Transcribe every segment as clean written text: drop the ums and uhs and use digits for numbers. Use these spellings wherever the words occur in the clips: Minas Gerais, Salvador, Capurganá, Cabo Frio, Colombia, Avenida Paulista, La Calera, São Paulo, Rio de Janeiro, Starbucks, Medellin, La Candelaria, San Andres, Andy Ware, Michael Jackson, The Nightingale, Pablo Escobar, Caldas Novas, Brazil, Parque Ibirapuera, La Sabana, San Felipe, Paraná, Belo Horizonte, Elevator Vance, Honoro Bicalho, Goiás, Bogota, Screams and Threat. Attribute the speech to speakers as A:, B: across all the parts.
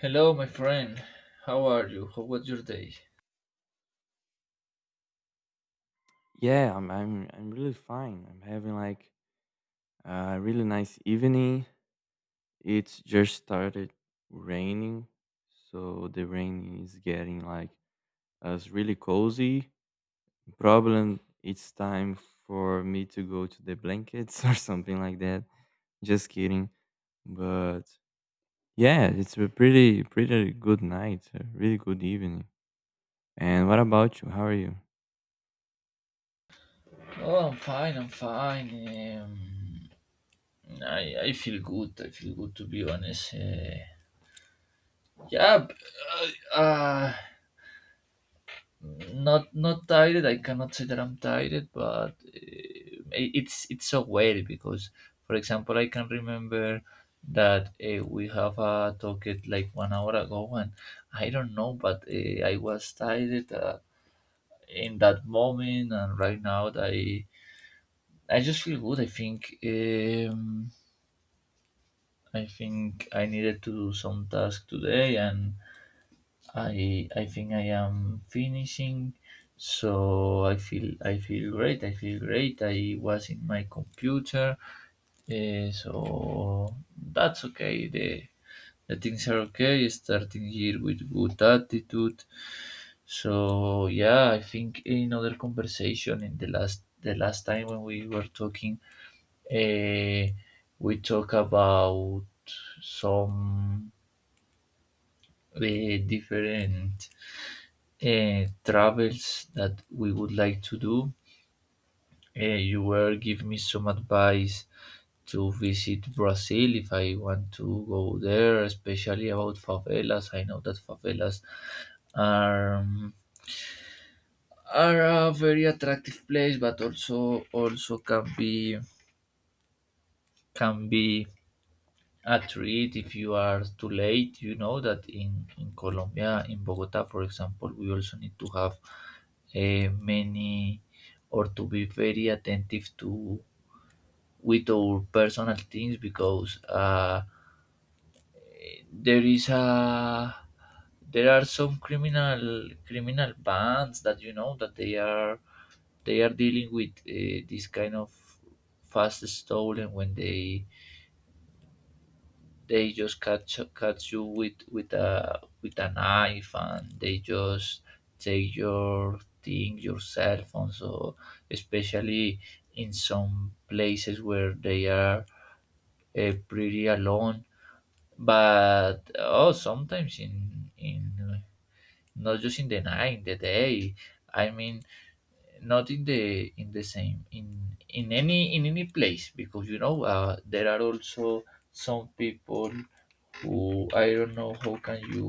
A: Hello, my friend. How are you? How was your day?
B: Yeah, I'm really fine. I'm having like a really nice evening. It's just started raining, so the rain is getting like us really cozy. Probably it's time for me to go to the blankets or something like that. Just kidding. But yeah, it's a pretty good night, a really good evening. And what about you? How are you?
A: Oh, I'm fine. I'm fine. Um, I feel good. I feel good, to be honest. Yeah, uh, uh, not tired. I cannot say that I'm tired, but it's so weird because, for example, I can remember that we have a talk it like 1 hour ago, and I don't know, but I was tired in that moment, and right now, I just feel good. I think I think I needed to do some task today, and I think I am finishing. So I feel great. I feel great. I was in my computer, so that's okay. The things are okay. Starting here with good attitude. So yeah, I think in other conversation in the last time when we were talking. Eh, we talk about some different travels that we would like to do. You were give me some advice to visit Brazil if I want to go there, especially about favelas. I know that favelas are um, are a very attractive place, but also can be a treat if you are too late. You know that in Colombia, in Bogota, for example, we also need to have many or to be very attentive to with our personal things because there is a there are some criminal bands that you know that they are dealing with this kind of fast stolen when they just catch you with a knife and they just take your thing, your cell phone. So especially in some places where they are pretty alone, but oh, sometimes in not just in the night, in the day. I mean, not in the in the same in any place, because you know there are also some people who I don't know how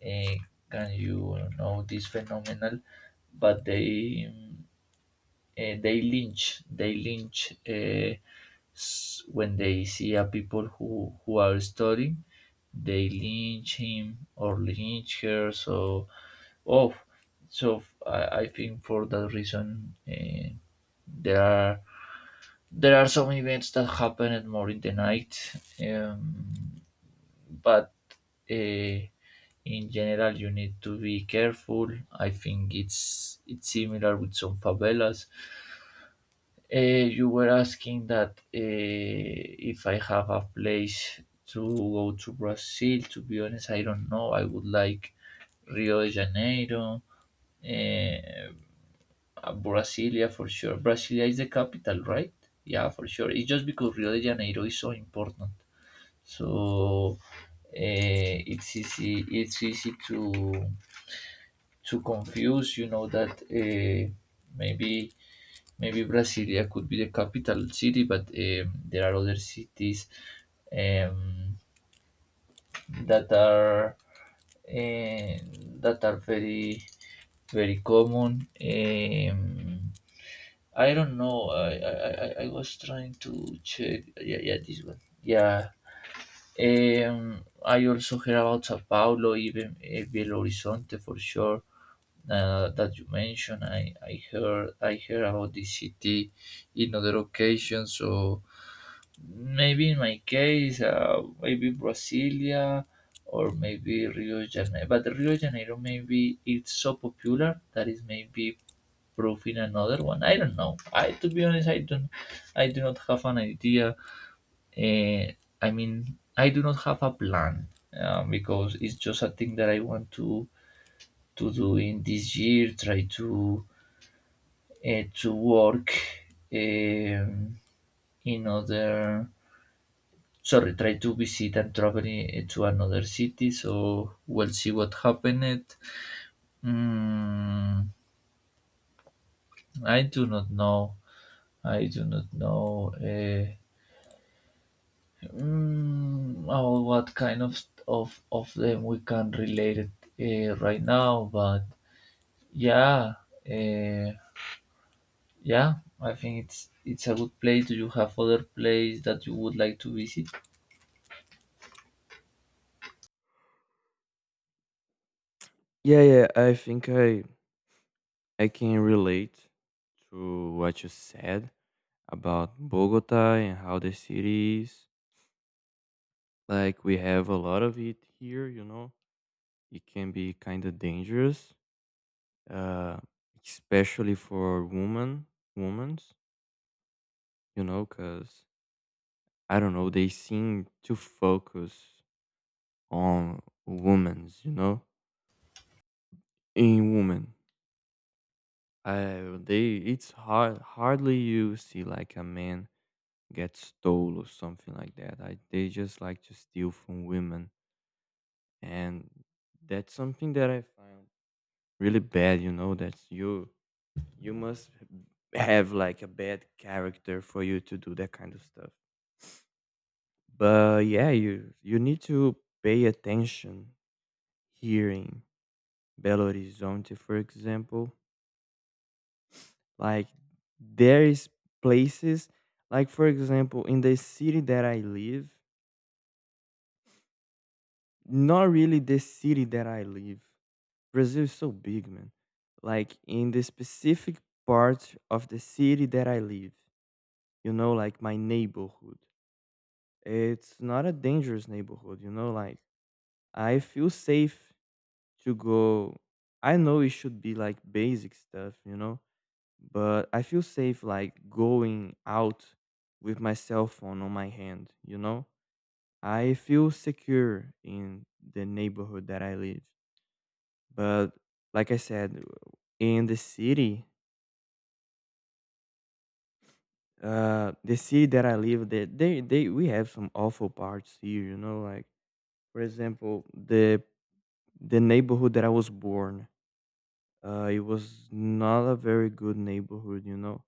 A: uh, can you know this phenomenal, but they lynch s- when they see a people who are studying, they lynch him or lynch her. So oh, I think for that reason there are there are some events that happen at more in the night, um, but. Uh, in general, you need to be careful. I think it's similar with some favelas. uh, you were asking that if I have a place to go to Brazil. To be honest, I don't know. I would like Rio de Janeiro, eh, Brasilia, for sure. Brasilia is the capital, right? Yeah, for sure. It's just because Rio de Janeiro is so important. So it's easy to too confused. You know that maybe maybe Brasilia could be the capital city, but there are other cities um, that are uh, that are very very common. I don't know. I was trying to check. Yeah, yeah, this one. Yeah, I also hear about Sao Paulo, even Belo Horizonte, for sure. That you mentioned, I heard about this city in other occasions. So maybe in my case, maybe Brasilia or maybe Rio de Janeiro. But Rio de Janeiro, maybe it's so popular that is maybe proving another one. I don't know. I To be honest, I do not have an idea. Eh, I mean, I do not have a plan because it's just a thing that I want to do in this year. Try to work um, in other. Sorry, try to visit and travel to another city. So we'll see what happened. Mm, I do not know. I do not know. Oh, what kind of of them we can relate it right now? But yeah, uh, yeah, I think it's a good place. Do you have other place that you would like to visit?
B: Yeah, yeah. I think I can relate to what you said about Bogota and how the city is. Like we have a lot of it here, you know. It can be kind of dangerous, uh, especially for women, women's, you know, because I don't know, they seem to focus on women's, you know, in women. I they it's hard hardly you see like a man get stole or something like that. I they just like to steal from women, and that's something that I found really bad. You know that you must have like a bad character for you to do that kind of stuff. But yeah, you need to pay attention here in Belo Horizonte, for example. Like there is places, like for example, in the city that I live. Not really the city that I live. Brazil is so big, man. Like in the specific part of the city that I live, you know, like my neighborhood. It's not a dangerous neighborhood, you know, like I feel safe to go. I know it should be like basic stuff, you know, but I feel safe like going out with my cell phone on my hand, you know? I feel secure in the neighborhood that I live. But like I said, in the city that I live, that they we have some awful parts here. You know, like for example, the neighborhood that I was born, it was not a very good neighborhood. You know,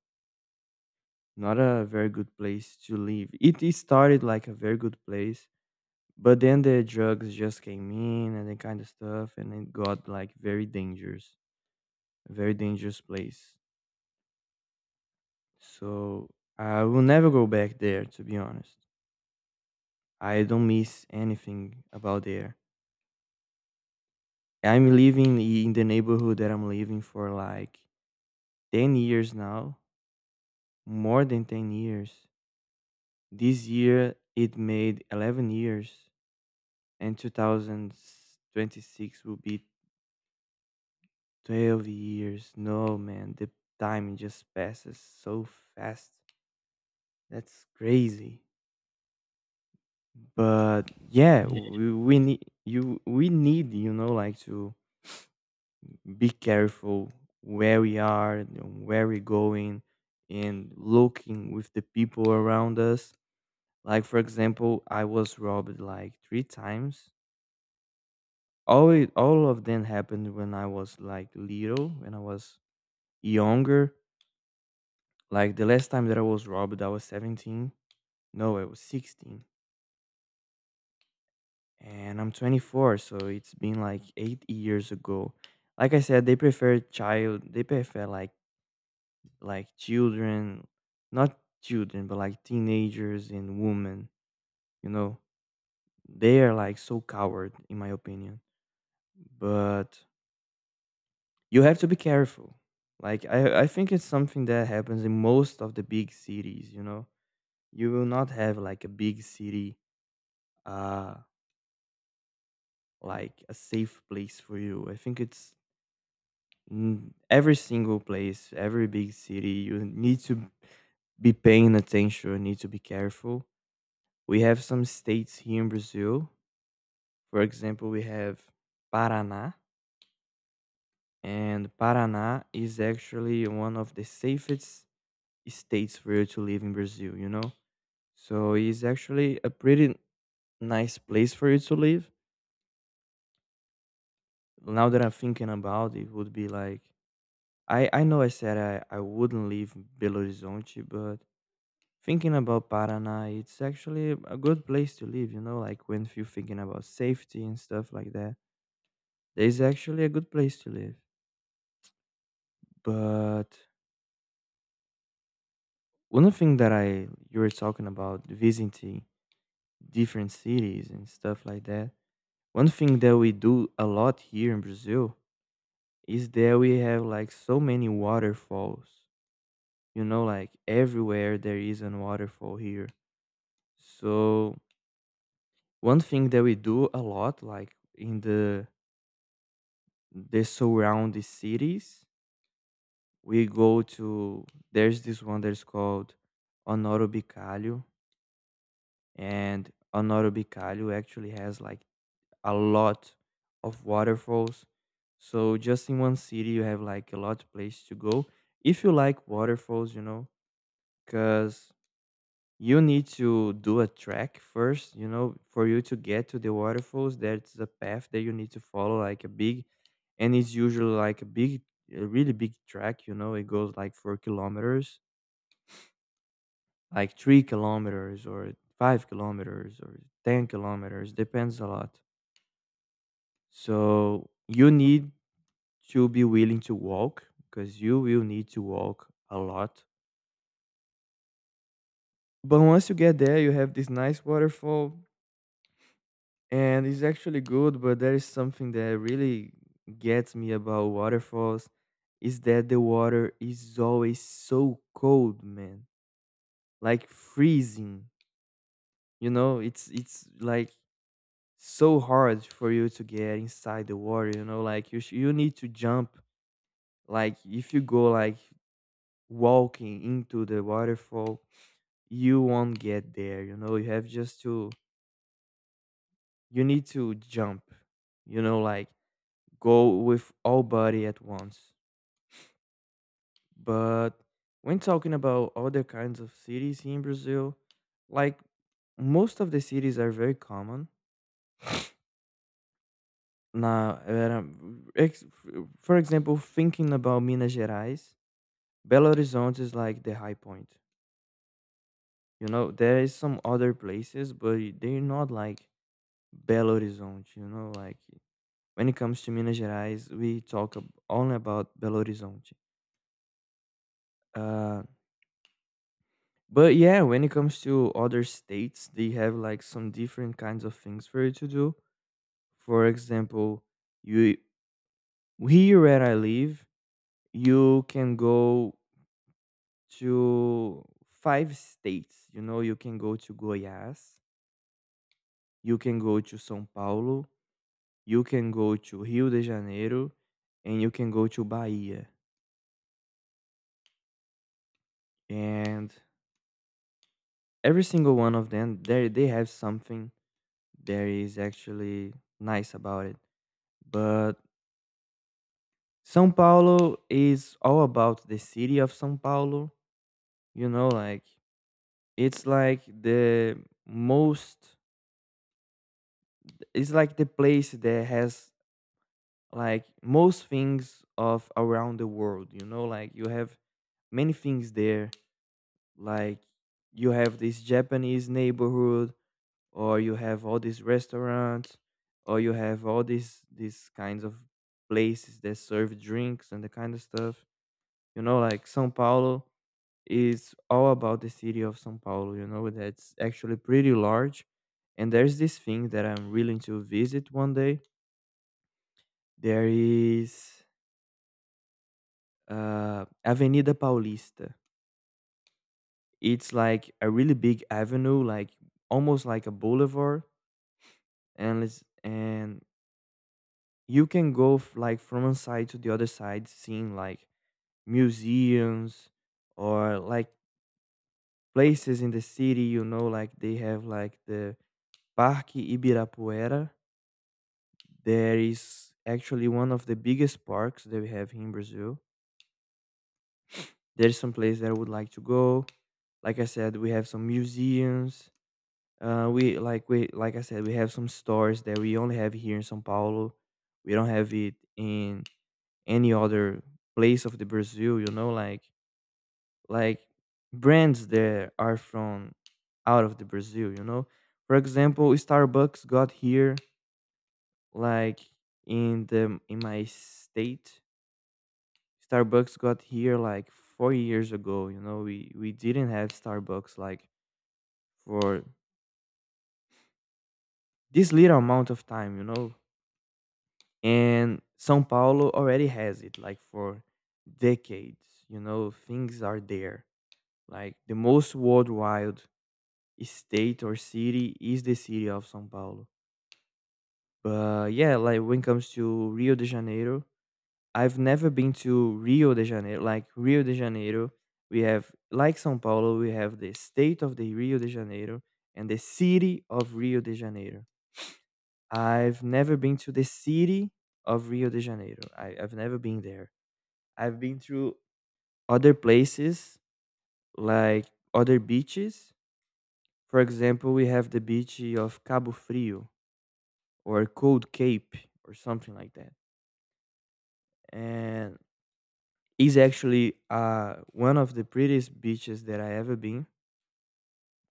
B: not a very good place to live. It started like a very good place, but then the drugs just came in and that kind of stuff, and it got like very dangerous, a very dangerous place. So I will never go back there, to be honest. I don't miss anything about there. I'm living in the neighborhood that I'm living for like 10 years now, more than 10 years. This year it made 11 years, and 2026 will be 12 years. No, man, the time just passes so fast. That's crazy. But yeah, we need, you know, like to be careful where we are and where we're going, and looking with the people around us. Like for example, I was robbed like three times. All of them happened when I was like little, when I was younger. Like the last time that I was robbed, I was 17. No, I was 16, and I'm 24, so it's been like 8 years ago. Like I said, they prefer child. They prefer like children, not children, but like teenagers and women. You know, they are like so coward, in my opinion. But you have to be careful. Like I think it's something that happens in most of the big cities. You know, you will not have like a big city, uh, like a safe place for you. I think it's Mm, every single place, every big city, you need to be paying attention, you need to be careful. We have some states here in Brazil. For example, we have Paraná, and Paraná is actually one of the safest states for you to live in Brazil, you know? So it's actually a pretty nice place for you to live. Now that I'm thinking about it, would be like I know I said, I wouldn't leave Belo Horizonte, but thinking about Paraná, it's actually a good place to live, you know, like when you're thinking about safety and stuff like that. There's actually a good place to live. But one thing that I you were talking about visiting different cities and stuff like that. One thing that we do a lot here in Brazil is that we have like so many waterfalls. You know, like everywhere there is an waterfall here. So one thing that we do a lot, like in the surrounding cities. We go to there's this one that is called Honoro Bicalho, and Honoro Bicalho actually has like a lot of waterfalls. So just in one city, you have like a lot of places to go if you like waterfalls, you know, because you need to do a track first, you know, for you to get to the waterfalls. There's a path that you need to follow, like a big, and it's usually like a big, a really big track, you know. It goes like 4 kilometers, like 3 kilometers, or 5 kilometers, or 10 kilometers, depends a lot. So you need to be willing to walk because you will need to walk a lot. But once you get there, you have this nice waterfall, and it's actually good. But there is something that really gets me about waterfalls, is that the water is always so cold, man. Like freezing, you know. It's like so hard for you to get inside the water, you know, like you need to jump. Like if you go like walking into the waterfall, you won't get there, you know. You have just to you need to jump, you know, like go with all body at once. But when talking about other kinds of cities in Brazil, like most of the cities are very common. Now, for example, thinking about Minas Gerais, Belo Horizonte is like the high point. You know, there is some other places, but they're not like Belo Horizonte. You know, like when it comes to Minas Gerais, we only about Belo Horizonte. Uh, But yeah, when it comes to other states, they have like some different kinds of things for you to do. For example, you here where I live, you can go to five states. You know, you can go to Goiás, you can go to São Paulo, you can go to Rio de Janeiro, and you can go to Bahia. And every single one of them, they have something that is actually nice about it. But São Paulo is all about the city of São Paulo. You know, like it's like the most. It's like the place that has like most things of around the world. You know, like you have many things there. Like you have this Japanese neighborhood, or you have all these restaurants, or you have all these kinds of places that serve drinks and the kind of stuff. You know, like São Paulo is all about the city of São Paulo, you know, that's actually pretty large. And there's this thing that I'm willing to visit one day. There is Avenida Paulista. It's like a really big avenue, like almost like a boulevard, and you can like from one side to the other side, seeing like museums or like places in the city. You know, like they have like the Parque Ibirapuera. There is actually one of the biggest parks that we have here in Brazil. There's some place that I would like to go. Like I said, we have some museums. We like I said, we have some stores that we only have here in São Paulo. We don't have it in any other place of the Brazil. You know, like brands that are from out of the Brazil. You know, for example, Starbucks got here like in the in my state, Starbucks got here like 4 years ago. You know, we didn't have Starbucks like for this little amount of time, you know. And Sao Paulo already has it like for decades, you know. Things are there, like the most worldwide state or city is the city of Sao Paulo. But yeah, like when it comes to Rio de Janeiro, I've never been to Rio de Janeiro. Like Rio de Janeiro, we have like São Paulo, we have the state of the Rio de Janeiro and the city of Rio de Janeiro. I've never been to the city of Rio de Janeiro. I've never been there. I've been through other places like other beaches. For example, we have the beach of Cabo Frio, or Cold Cape, or something like that. And is actually one of the prettiest beaches that I ever been.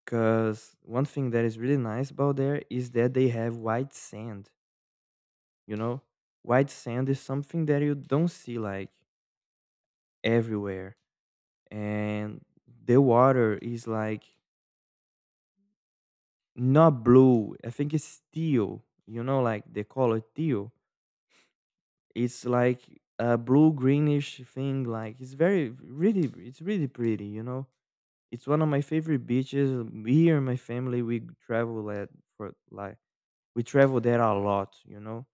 B: Because one thing that is really nice about there is that they have white sand. You know, white sand is something that you don't see like everywhere, and the water is like not blue. I think it's teal. You know, like the color teal. It's like a blue greenish thing. Like it's really pretty. You know, it's one of my favorite beaches. Me and my family, we travel at for like we travel there a lot, you know.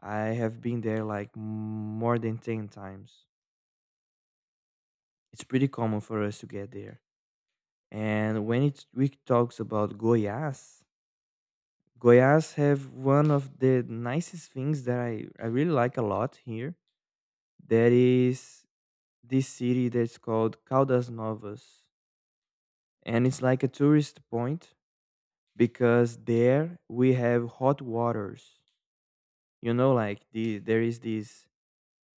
B: I have been there like more than 10 times. It's pretty common for us to get there. And when it we talks about Goiás, Goiás have one of the nicest things that I really like a lot here. That is This city that's called Caldas Novas. And it's like a tourist point because there we have hot waters. You know, there is this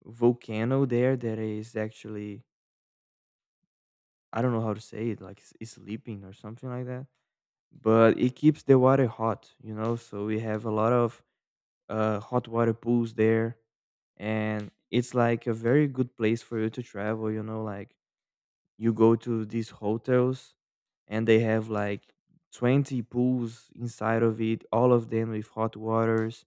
B: volcano there that is actually, I don't know how to say it, like it's sleeping or something like that. But it keeps the water hot, you know. So we have a lot of hot water pools there, and it's like a very good place for you to travel. You know, like you go to these hotels and they have like 20 pools inside of it, all of them with hot waters,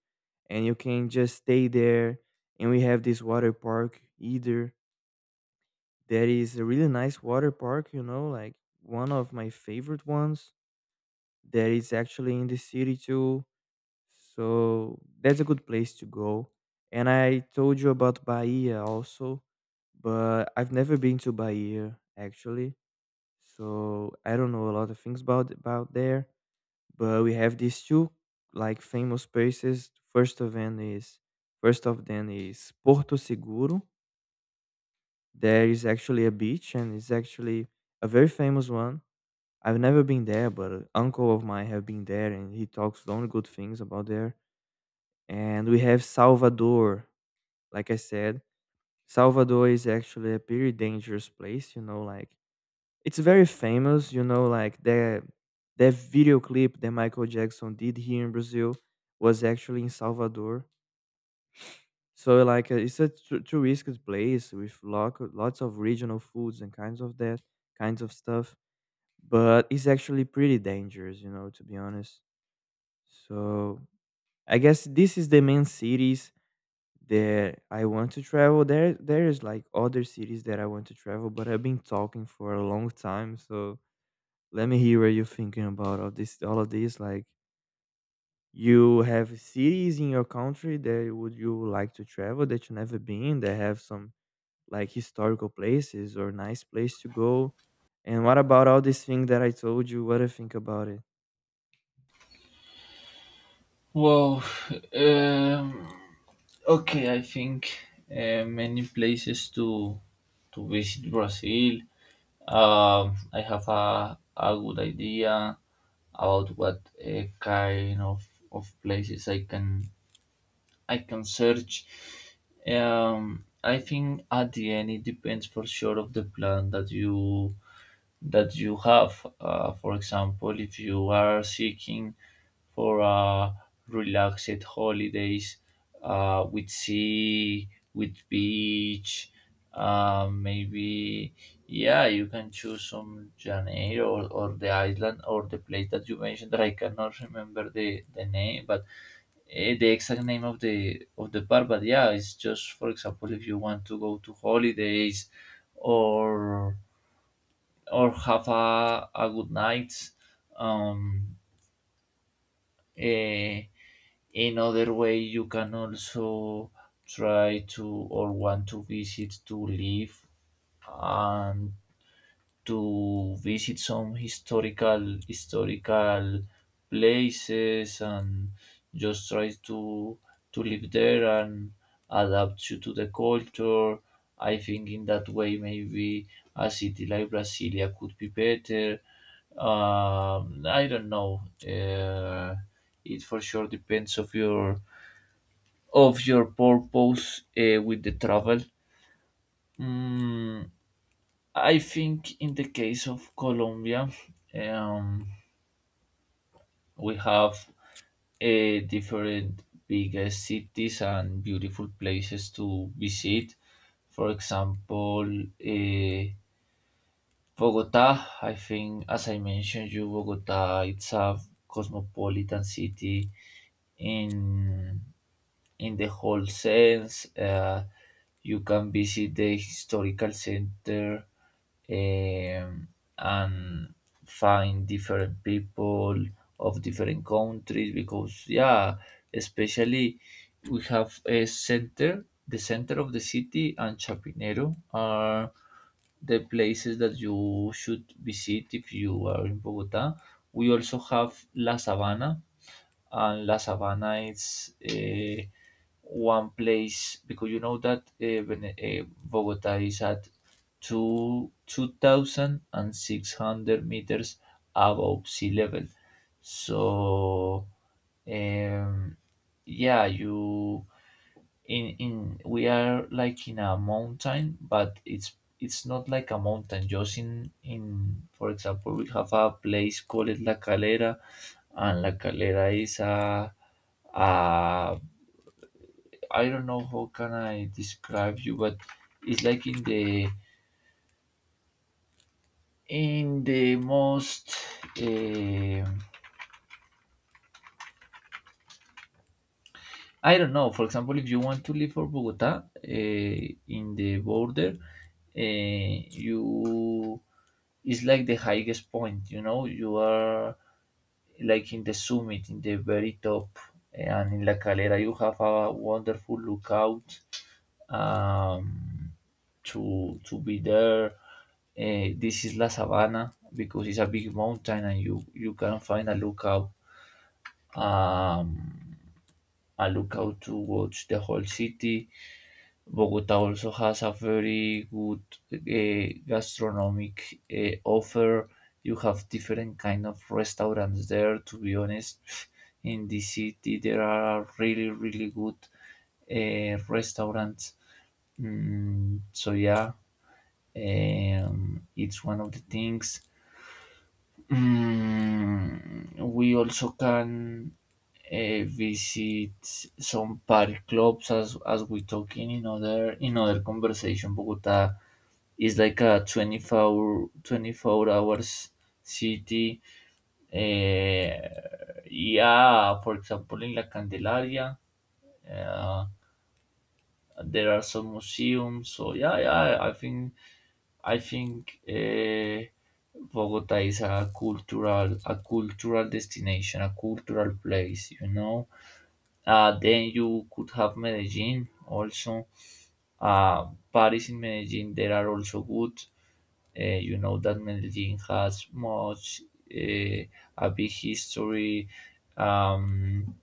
B: and you can just stay there. And we have this water park either, that is a really nice water park, you know, like one of my favorite ones, that is actually in the city too. So that's a good place to go. And I told you about Bahia also, but I've never been to Bahia actually, so I don't know a lot of things about there, but we have these two like famous places. First of them is Porto Seguro. There is actually a beach, and it's actually a very famous one. I've never been there, but an uncle of mine have been there, and he talks only good things about there. And we have Salvador. Like I said, Salvador is actually a pretty dangerous place. You know, like, it's very famous, you know, like the video clip that Michael Jackson did here in Brazil was actually in Salvador. So it's a touristic place with lots of regional foods and kinds of stuff, but it's actually pretty dangerous, you know, to be honest. So I guess this is the main cities that I want to travel. There is like other cities that I want to travel, but I've been talking for a long time, so let me hear what you're thinking about all of this. Like, you have cities in your country that would you like to travel, that you never been, that have some like historical places or nice place to go? And what about all these things that I told you, what do you think about it?
A: Well, um, okay, I think many places to visit Brazil. I have a good idea about what kind of places I can search. I think at the end it depends, for sure, of the plan that you have. For example, if you are seeking for relaxed holidays with sea, with beach, maybe yeah, you can choose some Janeiro or the island or the place that you mentioned that I cannot remember the name, but the exact name of the bar. But yeah, it's just, for example, if you want to go to holidays or or have a good night. Um, eh, Another way, you can also try to or want to visit to live and to visit some historical places and just try to live there and adapt you to the culture. I think in that way maybe a city like Brasilia could be better. I don't know. Uh, it, for sure, depends of your purpose with the travel. Mm, I think in the case of Colombia, um, we have different biggest cities and beautiful places to visit. For example, Bogota. I think, as I mentioned, you Bogota. It's a cosmopolitan city in in the whole sense. You can visit the historical center um, and find different people of different countries. Because yeah, especially we have a center, the center of the city, and Chapinero are the places that you should visit if you are in Bogota. We also have La Sabana, and La Sabana is one place. Because you know that Bogota is at two thousand and six hundred meters above sea level. So um, yeah, you in we are like in a mountain, but it's not like a mountain. Just in for example, we have a place called La Calera, and La Calera is a I a I don't know how can I describe you, but it's like in the most, um I don't know. For example, if you want to leave for Bogota in the border, you it's like the highest point. You know, you are like in the summit, in the very top. And in La Calera, you have a wonderful lookout um, to be there. This is La Sabana, because it's a big mountain, and you can find a lookout. Um, I look out towards the whole city. Bogota also has a very good gastronomic offer. You have different kind of restaurants there. To be honest, in the city there are really good restaurants. So yeah, it's one of the things. We also can visit some party clubs as we talk in another in other conversation. Bogota is like a 24 24 hours city. Yeah, for example, in La Candelaria, uh, there are some museums. So yeah, yeah, I think Bogota is a cultural destination, a cultural place, you know. Then you could have Medellin also. Paris in Medellin, there are also good. You know that Medellin has much uh, a big history. Um,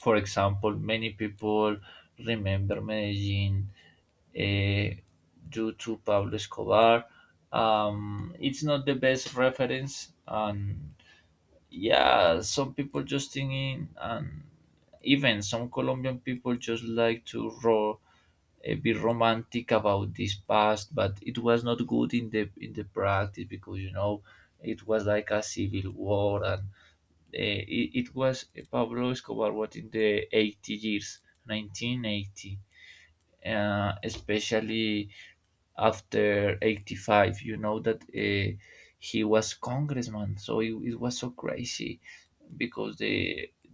A: for example, many people remember Medellin eh, due to Pablo Escobar. It's not the best reference, and yeah, some people just think in, and even some Colombian people just like to be romantic about this past, but it was not good in the practice, because you know it was like a civil war. And it was Pablo Escobar what in the 80 years, 1980, especially after 85. You know that he was congressman, so it was so crazy, because the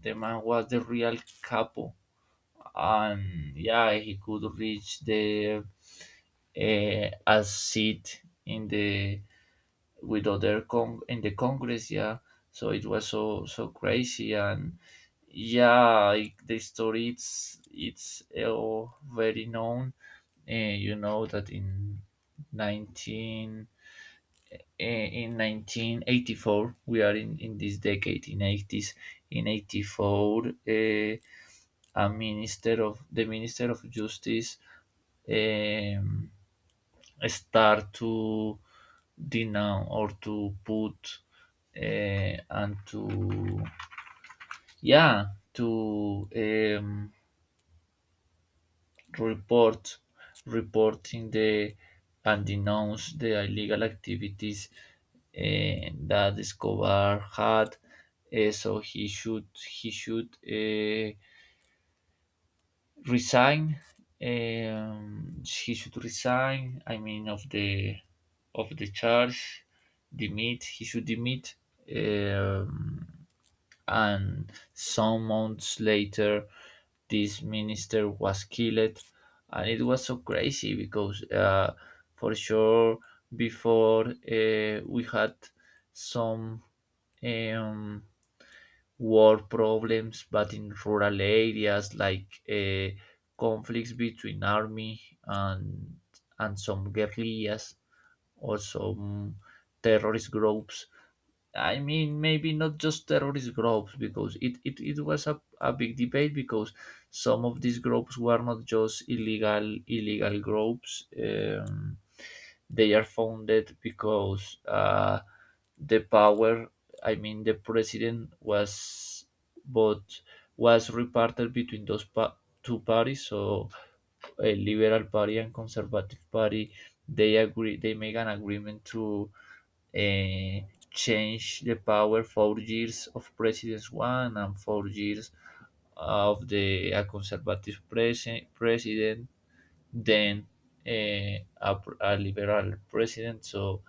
A: the man was the real capo, and yeah, he could reach the a seat in the with other con in the Congress, yeah. So it was so crazy, and yeah, like the story, it's very known. Uh, you know that in nineteen in 1984, we are in this decade, in 80s, in 84, a minister of the minister of justice um, start to denounce or to put and to yeah to report, reporting the and denounce the illegal activities that Escobar had. So he should resign. He should resign. I mean, of the charge, demit. He should demit. Um, and some months later, this minister was killed. And it was so crazy because, for sure, before we had some, um, war problems, but in rural areas, like conflicts between army and some guerrillas, also terrorist groups. I mean, maybe not just terrorist groups, because it was a big debate, because some of these groups were not just illegal groups. They are founded because the power, I mean, the president was, but was reparted between two parties. So a liberal party and conservative party, they agree. They make an agreement to eh, change the power, 4 years of President 1 and 4 years of the a conservative president, then a liberal president. So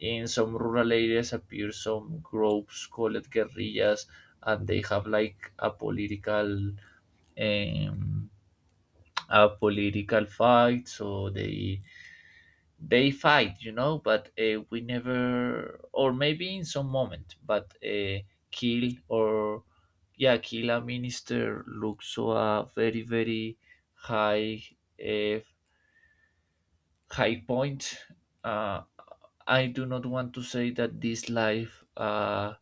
A: in some rural areas appear some groups called guerrillas, and they have like um, a political fight. So they fight, you know, but we never, or maybe in some moment, but kill, or yeah, kill a minister looks so a very very high, uh, high point. uh, I do not want to say that this life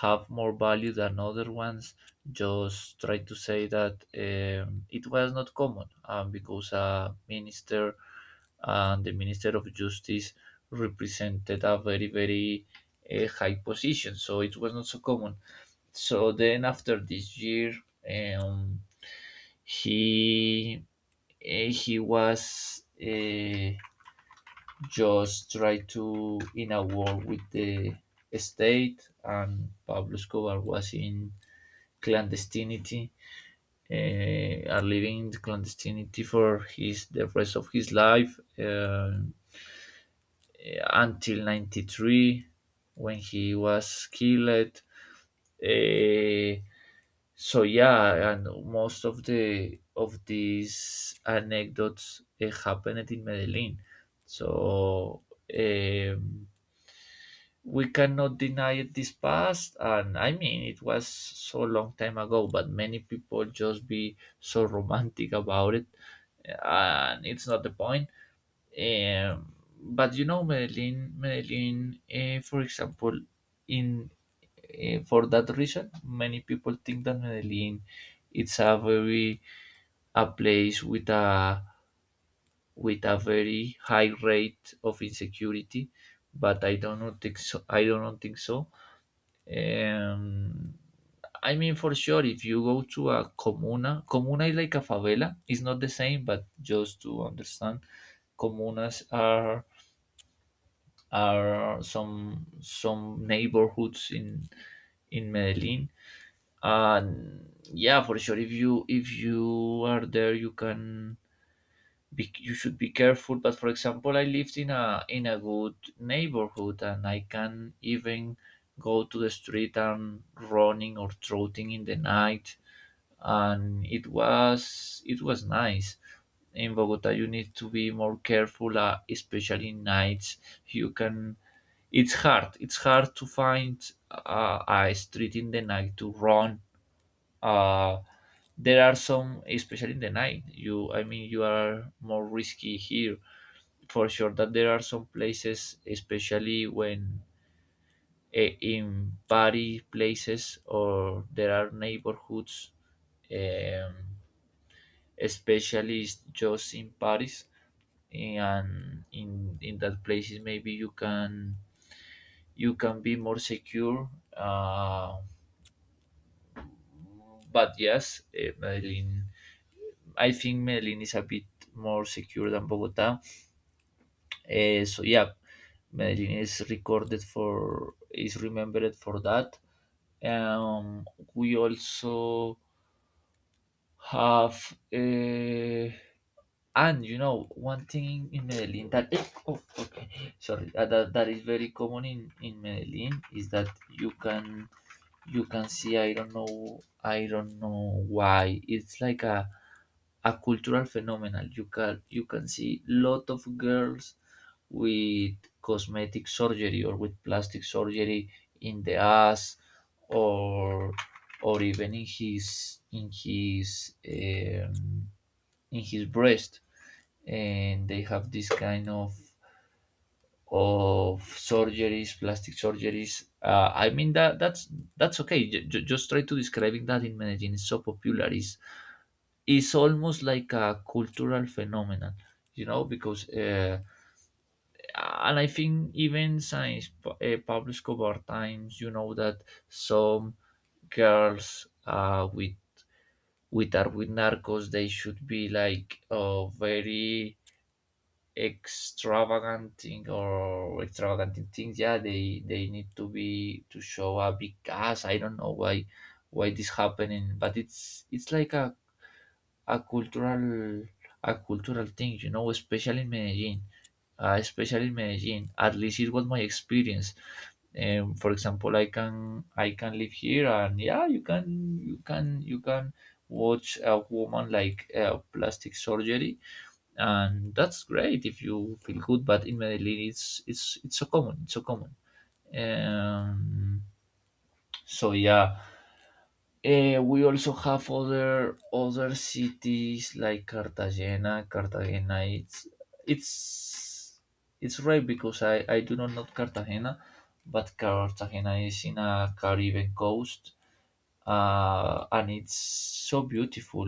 A: have more value than other ones. Just try to say that, it was not common, because a minister, and the minister of justice, represented a very very high position, so it was not so common. So then after this year, um, he he was. Just try to in a war with the state, and Pablo Escobar was in clandestinity, are living in clandestinity for his the rest of his life until 93, when he was killed uh, so yeah, and most of these anecdotes happened in Medellin. So um, we cannot deny this past. And I mean, it was so long time ago, but many people just be so romantic about it. And it's not the point. um, but you know, Medellin for example, in for that reason, many people think that Medellin, it's a very, a place with a very high rate of insecurity. But I don't think so. um, I mean, for sure, if you go to a comuna, comuna is like a favela. It's not the same, but just to understand, comunas are some neighborhoods in Medellin. And yeah, for sure, if you are there, you can be, you should be careful. But for example, I lived in a good neighborhood, and I can even go to the street and running or trotting in the night, and it was nice. In Bogota, you need to be more careful, especially in nights. You can, it's hard to find a street in the night to run. uh, there are some, especially in the night, you, I mean, you are more risky here. For sure that there are some places, especially when, in party places or there are neighborhoods, um, especially just in Paris, and in that places, maybe you can be more secure. Uh, but yes, Medellin. I think Medellin is a bit more secure than Bogota. So yeah, Medellin is recorded for is remembered for that. Um, we also have, and you know, one thing in Medellin that, oh, okay, sorry, that is very common in Medellin is that you can you can see, I don't know why, it's like a cultural phenomenon. You can see lot of girls with cosmetic surgery or with plastic surgery in the ass, or even in his breast, and they have this kind of surgeries, plastic surgeries. I mean, that that's okay. Just try to describing that in Medellin, it's so popular, is almost like a cultural phenomenon, you know, because and I think, even since Pablo Escobar times, you know that some girls, with are with narcos, they should be like, very extravagant thing, or extravagant in things. Yeah, they need to be to show a big ass. I don't know why this happening, but it's like a cultural thing, you know, especially in Medellin. Especially in Medellin, at least it was my experience. For example, I can live here, and yeah, you can watch a woman like, plastic surgery, and that's great if you feel good. But in Medellin, it's so common, it's so common. Um, so yeah, we also have other cities like Cartagena. Cartagena, it's it's right, because I do not know Cartagena, but Cartagena is in a Caribbean coast, and it's so beautiful.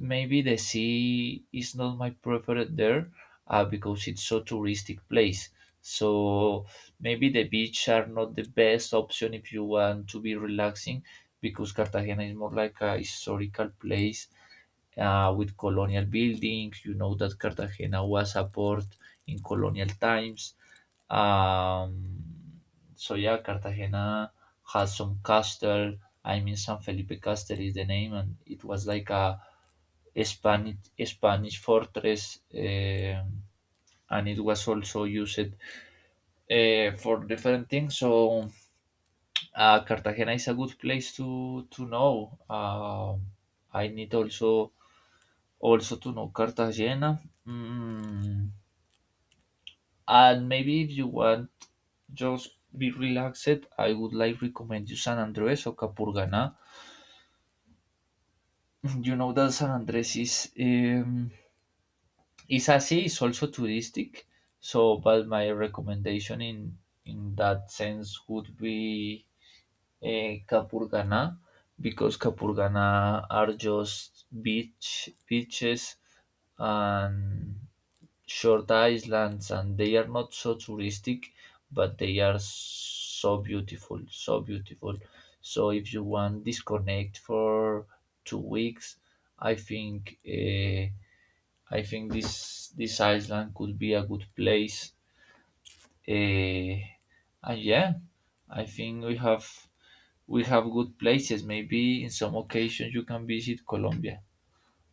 A: Maybe the sea is not my preferred there, because it's so touristic place. So maybe the beach are not the best option if you want to be relaxing, because Cartagena is more like a historical place, with colonial buildings. You know that Cartagena was a port in colonial times. Um, so yeah, Cartagena has some castle. I mean, San Felipe Castle is the name, and it was like a Spanish Spanish fortress, and it was also used, for different things. So Cartagena is a good place to know. I need also to know Cartagena, mm, and maybe if you want just be relaxed, I would like recommend you San Andres or Capurganá. You know that San Andres is, is así, it's also touristic. So, but my recommendation in that sense would be, Kapurgana, because Kapurgana are just beaches and short islands, and they are not so touristic, but they are so beautiful, so beautiful. So if you want disconnect for 2 weeks, I think uh, I think this island could be a good place. Uh, and yeah, I think we have good places. Maybe in some occasions you can visit Colombia,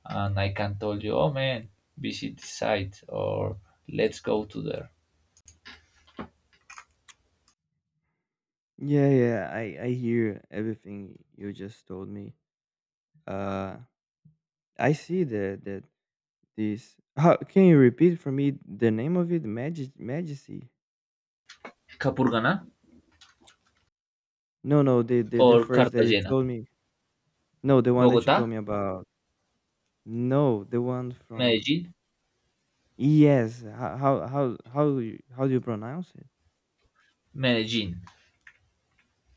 A: and I can tell you, oh man, visit this site, or let's go to there.
B: Yeah, yeah, I hear everything you just told me. uh I see that that this. How can you repeat for me the name of it? Magic Majesty?
A: Capurganá,
B: No, no, the
A: or
B: first that you
A: Cartagena,
B: told me. No, the one that you told
A: Bogota,
B: me about. No, the one from.
A: Medellin.
B: Yes. How do you, how do you pronounce it?
A: Medellin.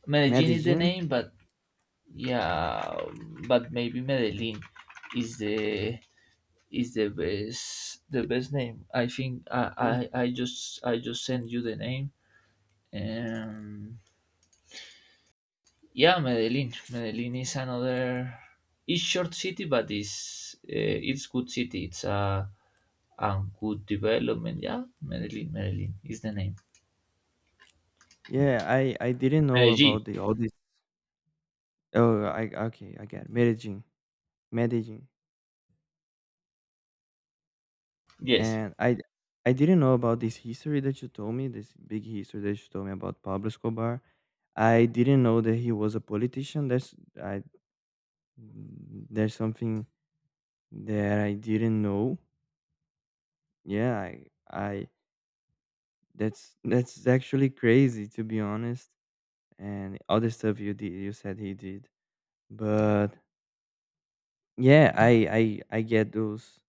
A: Medellin is the
B: Medellin?
A: name, but yeah, but maybe Medellin is the is the best name. I think
B: Mm.
A: I just send you the name. Um, Yeah, Medellin. Medellin is another. It's short city, but it's good city. It's a good development. Yeah, Medellin. Medellin is the name.
B: Yeah, I didn't know
A: Medellin.
B: about the all this. Oh, I, okay, I get it. Medellin. Medellin.
A: Yes,
B: And I didn't know about this history that you told me, this big history that you told me about Pablo Escobar. I didn't know that he was a politician. That's, I, there's something that I didn't know. Yeah, I that's actually crazy to be honest. And other stuff you said he did. But yeah, I get those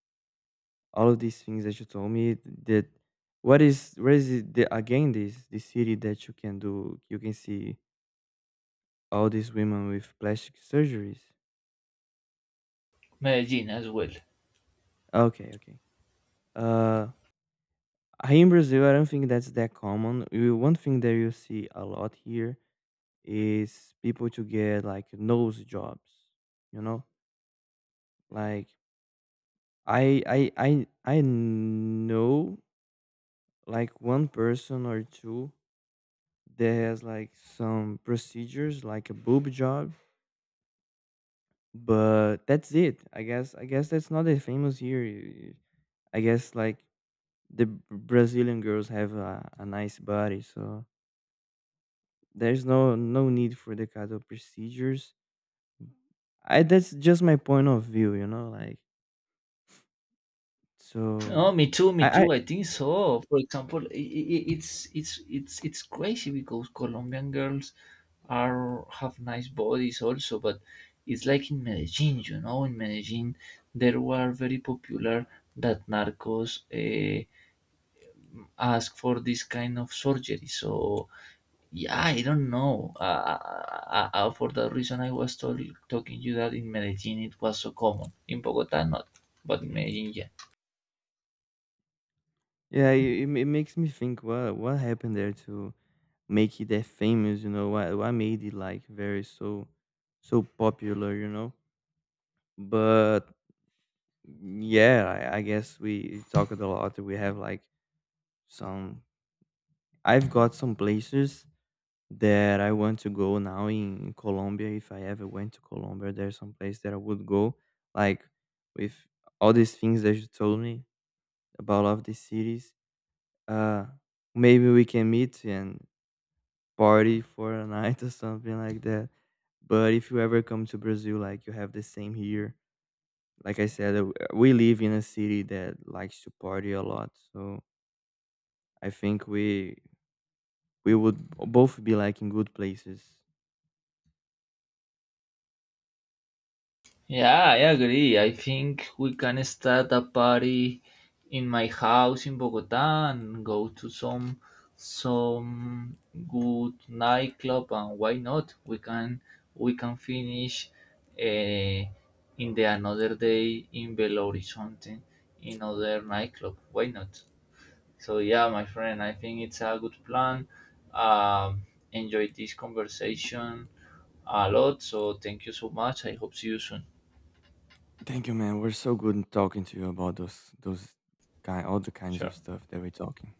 B: all of these things that you told me, that, what is, where is it the, again, this city that you can do, you can see all these women with plastic surgeries?
A: Medellin as well.
B: Okay, okay. uh Here in Brazil I don't think that's that common. One thing that you see a lot here is people to get like nose jobs, you know, like, I know like one person or two that has like some procedures like a boob job, but that's it. I guess that's not that famous here. I guess like the brazilian girls have a nice body, so there's no need for the kind of procedures. I That's just my point of view, you know, like, so.
A: Oh, me too. Me
B: I
A: too. I think so. For example, it's crazy because Colombian girls are have nice bodies also, but it's like in Medellin. You know, in Medellin, there were very popular that narcos. Ask for this kind of surgery. So yeah, I don't know. For that reason, I was told, talking to you that in Medellin it was so common. In Bogota, not, but in Medellin, yeah.
B: Yeah, it makes me think what happened there to make it that famous, you know, what made it like very so so popular, you know. But yeah, I guess we talked a lot. We have like some, I've got some places that I want to go now in Colombia. If I ever went to Colombia, there's some place that I would go. Like with all these things that you told me about all of these cities, uh, maybe we can meet and party for a night or something like that. But if you ever come to Brazil, like you have the same here. Like I said, we live in a city that likes to party a lot, so I think we would both be like in good places.
A: Yeah, I agree. I think we can start a party in my house in Bogota and go to some good nightclub. And why not? We can finish, uh, in the another day, in Belo Horizonte, in other nightclub. Why not? So yeah, my friend, I think it's a good plan. Um, Enjoyed this conversation a lot. So thank you so much. I hope see you soon.
B: Thank you, man. We're so good in talking to you about those kind, all the kinds
A: Sure.
B: of stuff that we're talking.